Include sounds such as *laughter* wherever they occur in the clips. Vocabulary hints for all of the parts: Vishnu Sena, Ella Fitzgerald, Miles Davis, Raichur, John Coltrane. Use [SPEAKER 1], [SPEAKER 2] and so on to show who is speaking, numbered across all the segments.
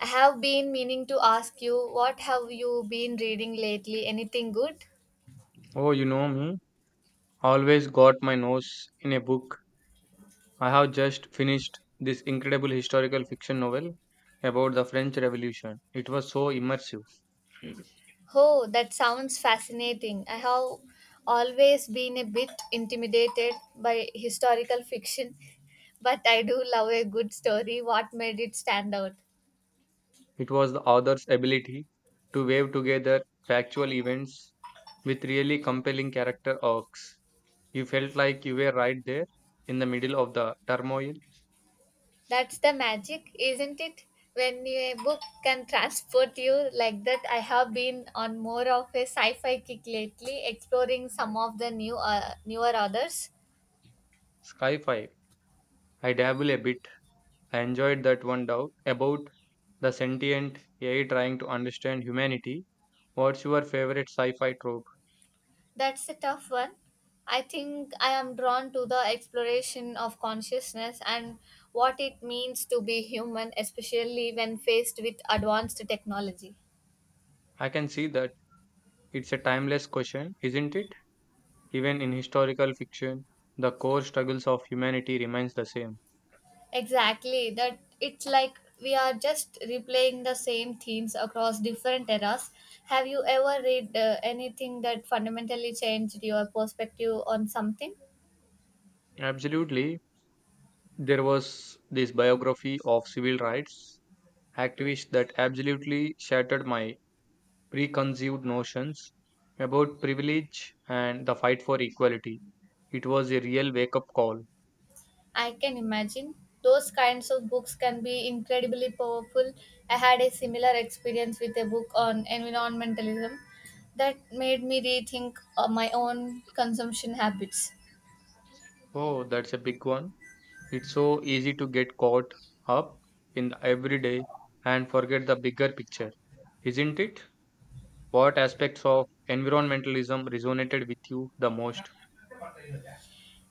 [SPEAKER 1] I have been meaning to ask you, what have you been reading lately? Anything good?
[SPEAKER 2] Oh, you know me. Always got my nose in a book. I have just finished this incredible historical fiction novel about the French Revolution. It was so immersive.
[SPEAKER 1] Oh, that sounds fascinating. I have always been a bit intimidated by historical fiction, but I do love a good story. What made it stand out?
[SPEAKER 2] It was the author's ability to weave together factual events with really compelling character arcs. You felt like you were right there in the middle of the turmoil.
[SPEAKER 1] That's the magic, isn't it? When a book can transport you like that, I have been on more of a sci-fi kick lately, exploring some of the new newer authors.
[SPEAKER 2] Sci-fi. I dabble a bit. I enjoyed that one doubt about the sentient AI trying to understand humanity. What's your favorite sci-fi trope?
[SPEAKER 1] That's a tough one. I think I am drawn to the exploration of consciousness and what it means to be human, especially when faced with advanced technology.
[SPEAKER 2] I can see that it's a timeless question, isn't it? Even in historical fiction, the core struggles of humanity remains the same.
[SPEAKER 1] Exactly, that it's like we are just replaying the same themes across different eras. Have you ever read anything that fundamentally changed your perspective on something?
[SPEAKER 2] Absolutely. There was this biography of civil rights activists that absolutely shattered my preconceived notions about privilege and the fight for equality. It was a real wake up call.
[SPEAKER 1] I can imagine. Those kinds of books can be incredibly powerful. I had a similar experience with a book on environmentalism that made me rethink my own consumption habits.
[SPEAKER 2] Oh, that's a big one. It's so easy to get caught up in the everyday and forget the bigger picture, isn't it? What aspects of environmentalism resonated with you the most?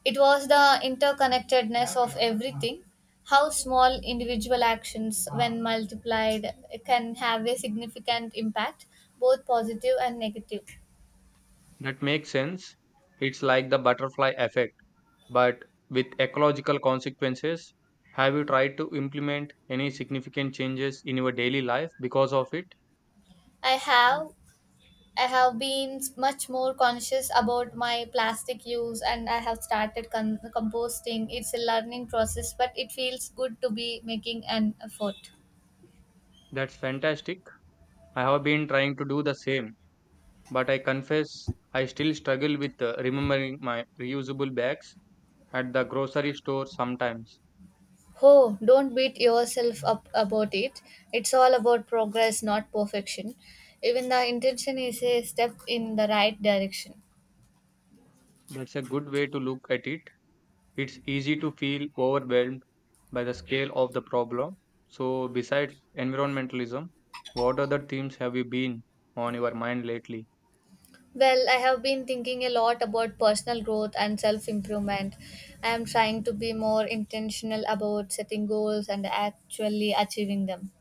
[SPEAKER 1] It was the interconnectedness of everything, how small individual actions, when multiplied, can have a significant impact, both positive and negative.
[SPEAKER 2] That makes sense. It's like the butterfly effect, but with ecological consequences. Have you tried to implement any significant changes in your daily life because of it?
[SPEAKER 1] I have I have been much more conscious about my plastic use and I have started composting. It's a learning process, but it feels good to be making an effort.
[SPEAKER 2] That's fantastic. I have been trying to do the same, but I confess I still struggle with remembering my reusable bags at the grocery store sometimes.
[SPEAKER 1] Oh, don't beat yourself up about it. It's all about progress, not perfection. Even the intention is a step in the right direction.
[SPEAKER 2] That's a good way to look at it. It's easy to feel overwhelmed by the scale of the problem. So, besides environmentalism, what other themes have you been on your mind lately?
[SPEAKER 1] Well, I have been thinking a lot about personal growth and self improvement. I am trying to be more intentional about setting goals and actually achieving them.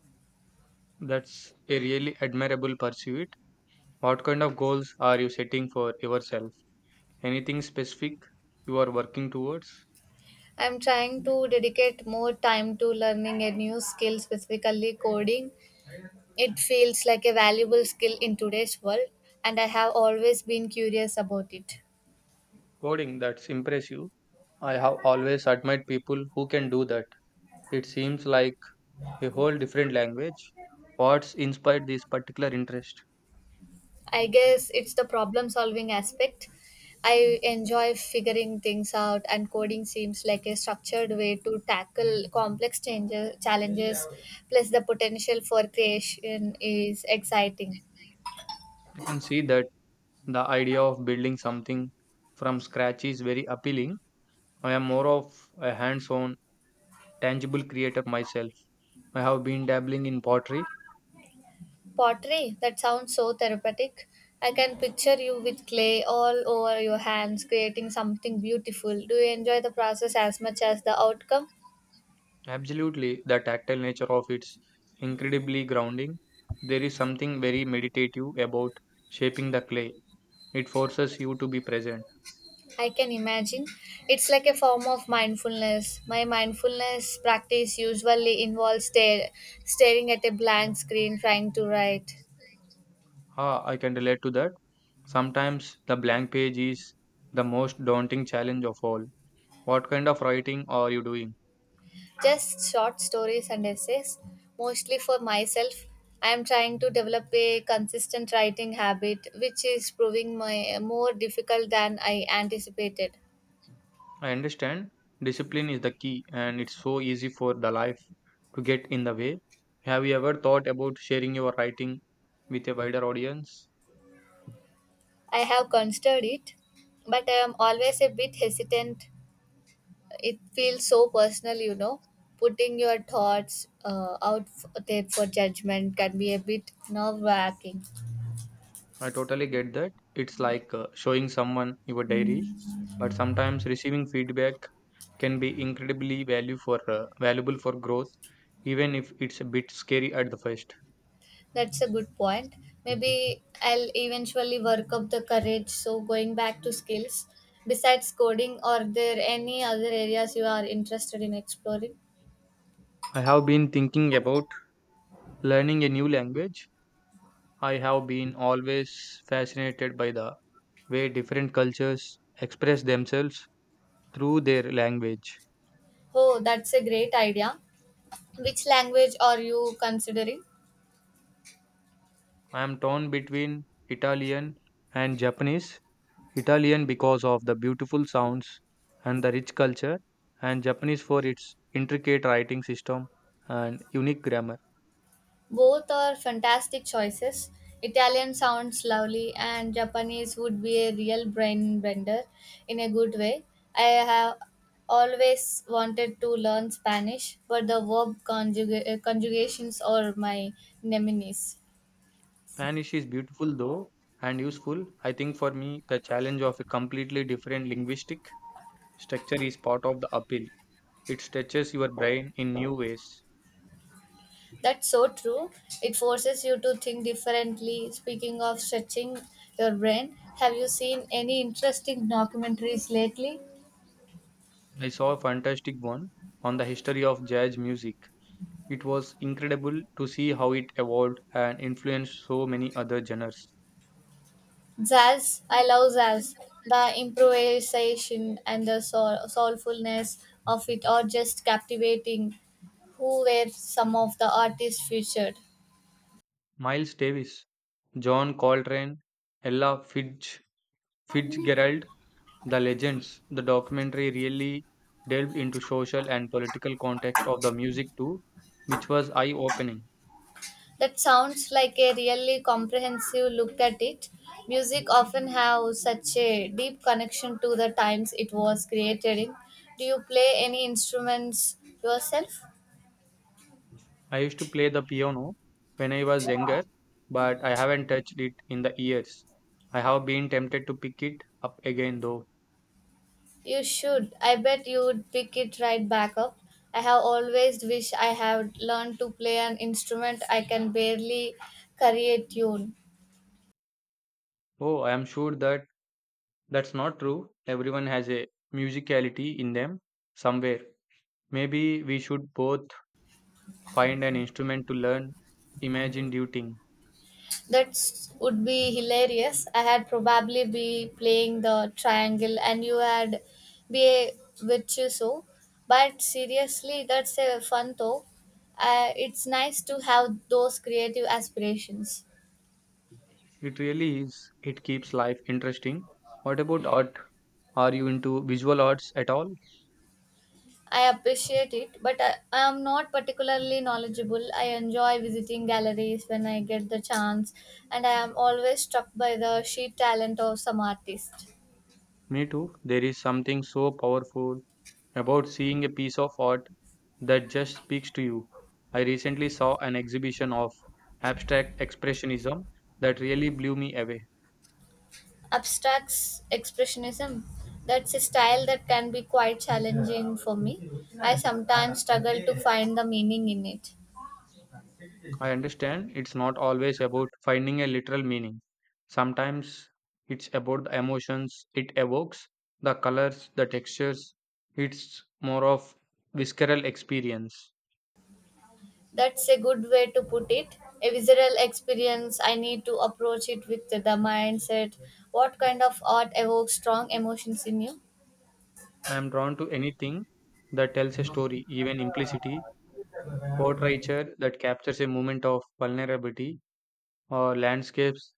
[SPEAKER 2] That's a really admirable pursuit. What kind of goals are you setting for yourself? Anything specific you are working towards?
[SPEAKER 1] I'm trying to dedicate more time to learning a new skill, specifically coding. It feels like a valuable skill in today's world, and I have always been curious about it.
[SPEAKER 2] Coding, that's impressive. I have always admired people who can do that. It seems like a whole different language. What's inspired this particular interest?
[SPEAKER 1] I guess it's the problem solving aspect. I enjoy figuring things out, and coding seems like a structured way to tackle complex challenges. Plus, the potential for creation is exciting.
[SPEAKER 2] I can see that the idea of building something from scratch is very appealing. I am more of a hands on, tangible creator myself. I have been dabbling in pottery.
[SPEAKER 1] Pottery? That sounds so therapeutic. I can picture you with clay all over your hands creating something beautiful. Do you enjoy the process as much as the outcome?
[SPEAKER 2] Absolutely, the tactile nature of it's incredibly grounding. There is something very meditative about shaping the clay. It forces you to be present.
[SPEAKER 1] I can imagine. It's like a form of mindfulness. My mindfulness practice usually involves staring at a blank screen trying to write.
[SPEAKER 2] Ah, I can relate to that. Sometimes the blank page is the most daunting challenge of all. What kind of writing are you doing?
[SPEAKER 1] Just short stories and essays, mostly for myself. I am trying to develop a consistent writing habit, which is proving more difficult than I anticipated.
[SPEAKER 2] I understand discipline is the key, and it's so easy for the life to get in the way. Have you ever thought about sharing your writing with a wider audience?
[SPEAKER 1] I have considered it, but I am always a bit hesitant. It feels so personal, you know. Putting your thoughts out there for judgment can be a bit nerve wracking.
[SPEAKER 2] I totally get that. It's like showing someone your diary, but sometimes receiving feedback can be incredibly value for valuable for growth, even if it's a bit scary at the first.
[SPEAKER 1] That's a good point. Maybe I'll eventually work up the courage. So, going back to skills, besides coding, are there any other areas you are interested in exploring?
[SPEAKER 2] I have been thinking about learning a new language. I have been always fascinated by the way different cultures express themselves through their language.
[SPEAKER 1] Oh, that's a great idea. Which language are you considering?
[SPEAKER 2] I am torn between Italian and Japanese. Italian because of the beautiful sounds and the rich culture, and Japanese for its intricate writing system and unique grammar.
[SPEAKER 1] Both are fantastic choices. Italian sounds lovely, and Japanese would be a real brain bender in a good way. I have always wanted to learn Spanish, but the verb conjugations are my nemesis.
[SPEAKER 2] Spanish is beautiful though and useful. I think for me, the challenge of a completely different linguistic structure is part of the appeal. It stretches your brain in new ways.
[SPEAKER 1] That's so true. It forces you to think differently. Speaking of stretching your brain, have you seen any interesting documentaries lately?
[SPEAKER 2] I saw a fantastic one on the history of jazz music. It was incredible to see how it evolved and influenced so many other genres.
[SPEAKER 1] Jazz, I love jazz. The improvisation and the soulfulness of it are just captivating. Who were some of the artists featured?
[SPEAKER 2] Miles Davis, John Coltrane, Ella Fitz, Fitzgerald, the legends. The documentary really delved into social and political context of the music too, which was eye-opening.
[SPEAKER 1] That sounds like a really comprehensive look at it. Music often have such a deep connection to the times it was created in. Do you play any instruments yourself?
[SPEAKER 2] I used to play the piano when I was younger, but I haven't touched it in the years. I have been tempted to pick it up again though.
[SPEAKER 1] You should. I bet you would pick it right back up. I have always wished I had learned to play an instrument. I can barely carry a tune.
[SPEAKER 2] Oh, I am sure that that's not true. Everyone has a musicality in them somewhere. Maybe we should both find an instrument to learn. Imagine duting.
[SPEAKER 1] That would be hilarious. I had probably be playing the triangle and you had be a virtuoso. But seriously, that's a fun though. It's nice to have those creative aspirations.
[SPEAKER 2] It really is. It keeps life interesting. What about art? Are you into visual arts at all?
[SPEAKER 1] I appreciate it, but I am not particularly knowledgeable. I enjoy visiting galleries when I get the chance, and I am always struck by the sheer talent of some artists.
[SPEAKER 2] Me too. There is something so powerful about seeing a piece of art that just speaks to you. I recently saw an exhibition of abstract expressionism that really blew me away.
[SPEAKER 1] Abstracts expressionism, that's a style that can be quite challenging for me. I sometimes struggle to find the meaning in it.
[SPEAKER 2] I understand it's not always about finding a literal meaning. Sometimes it's about the emotions it evokes, the colors, the textures. It's more of visceral experience.
[SPEAKER 1] That's a good way to put it. A visual experience, I need to approach it with the mindset. What kind of art evokes strong emotions in you?
[SPEAKER 2] I am drawn to anything that tells a story, even implicity, portraiture that captures a moment of vulnerability, or landscapes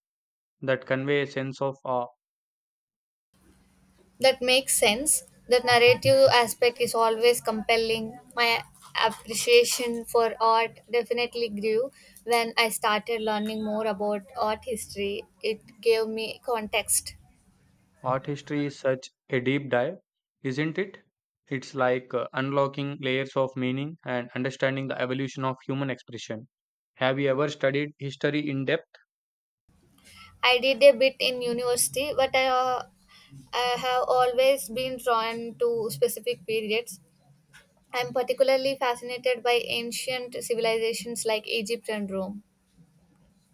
[SPEAKER 2] that convey a sense of awe.
[SPEAKER 1] That makes sense. The narrative aspect is always compelling. My appreciation for art definitely grew when I started learning more about art history. It gave me context.
[SPEAKER 2] Art history is such a deep dive, isn't it? It's like unlocking layers of meaning and understanding the evolution of human expression. Have you ever studied history in depth?
[SPEAKER 1] I did a bit in university, but I have always been drawn to specific periods. I'm particularly fascinated by ancient civilizations like Egypt and Rome.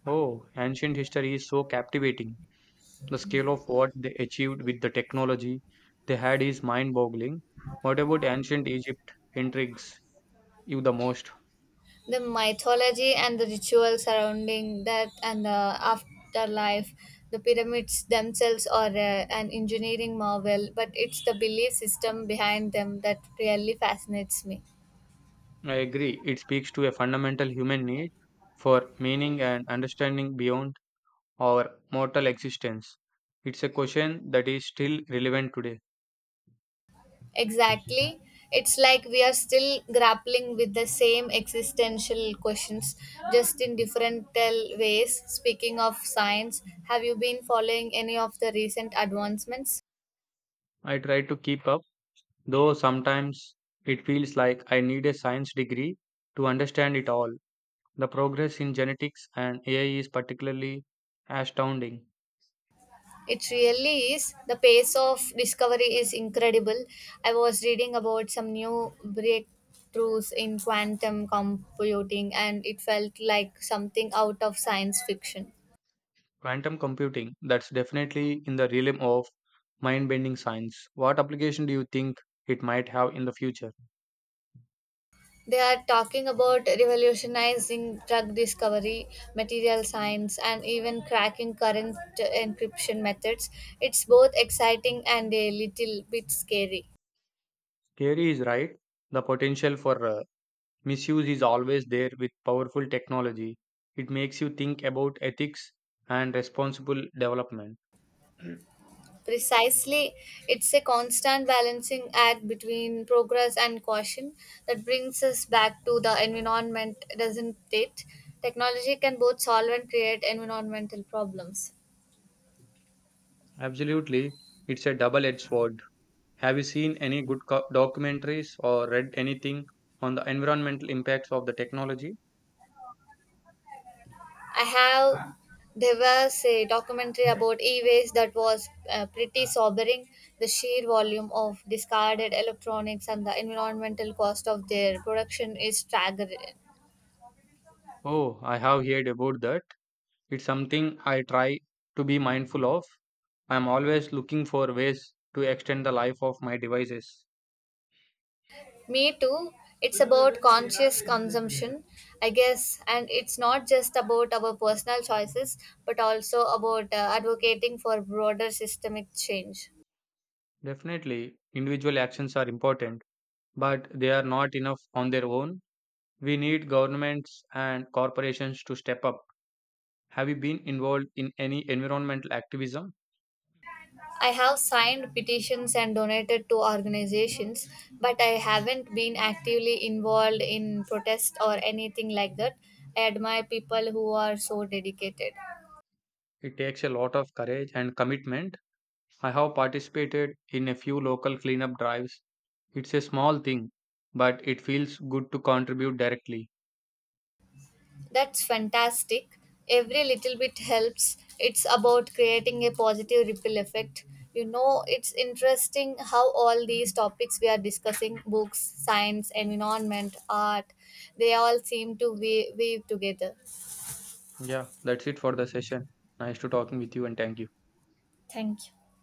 [SPEAKER 2] Oh, ancient history is so captivating. The scale of what they achieved with the technology they had is mind boggling. What about ancient Egypt? Intrigues you the most.
[SPEAKER 1] The mythology and the rituals surrounding that and the afterlife, the pyramids themselves are an engineering marvel, but it's the belief system behind them that really fascinates me.
[SPEAKER 2] I agree. It speaks to a fundamental human need for meaning and understanding beyond or mortal existence. It's a question that is still relevant today.
[SPEAKER 1] Exactly, it's like we are still grappling with the same existential questions, just in different tell ways. Speaking of science, have you been following any of the recent advancements?
[SPEAKER 2] I try to keep up, though sometimes it feels like I need a science degree to understand it all. The progress in genetics and AI is particularly astounding.
[SPEAKER 1] It really is. The pace of discovery is incredible. I was reading about some new breakthroughs in quantum computing, and it felt like something out of science fiction.
[SPEAKER 2] Quantum computing, that's definitely in the realm of mind bending science. What application do you think it might have in the future?
[SPEAKER 1] They are talking about revolutionizing drug discovery, material science, and even cracking current encryption methods. It's both exciting and a little bit scary.
[SPEAKER 2] Kerry is right. The potential for misuse is always there with powerful technology. It makes you think about ethics and responsible development. *clears throat*
[SPEAKER 1] Precisely, it's a constant balancing act between progress and caution that brings us back to the environment, doesn't it? Technology can both solve and create environmental problems.
[SPEAKER 2] Absolutely, it's a double edged sword. Have you seen any good documentaries or read anything on the environmental impacts of the technology?
[SPEAKER 1] I have, there was a documentary about e-waste that was pretty sobering. The sheer volume of discarded electronics and the environmental cost of their production is staggering.
[SPEAKER 2] Oh, I have heard about that. It's something I try to be mindful of. I'm always looking for ways to extend the life of my devices.
[SPEAKER 1] Me too. It's about conscious consumption, I guess, and it's not just about our personal choices, but also about advocating for broader systemic change.
[SPEAKER 2] Definitely, individual actions are important, but they are not enough on their own. We need governments and corporations to step up. Have you been involved in any environmental activism?
[SPEAKER 1] I have signed petitions and donated to organizations, but I haven't been actively involved in protest or anything like that. I admire people who are so dedicated.
[SPEAKER 2] It takes a lot of courage and commitment. I have participated in a few local cleanup drives. It's a small thing, but it feels good to contribute directly.
[SPEAKER 1] That's fantastic. Every little bit helps. It's about creating a positive ripple effect. You know, it's interesting how all these topics we are discussing, books, science, environment, art, they all seem to weave together.
[SPEAKER 2] Yeah, that's it for the session. Nice to talking with you and thank you.
[SPEAKER 1] Thank you.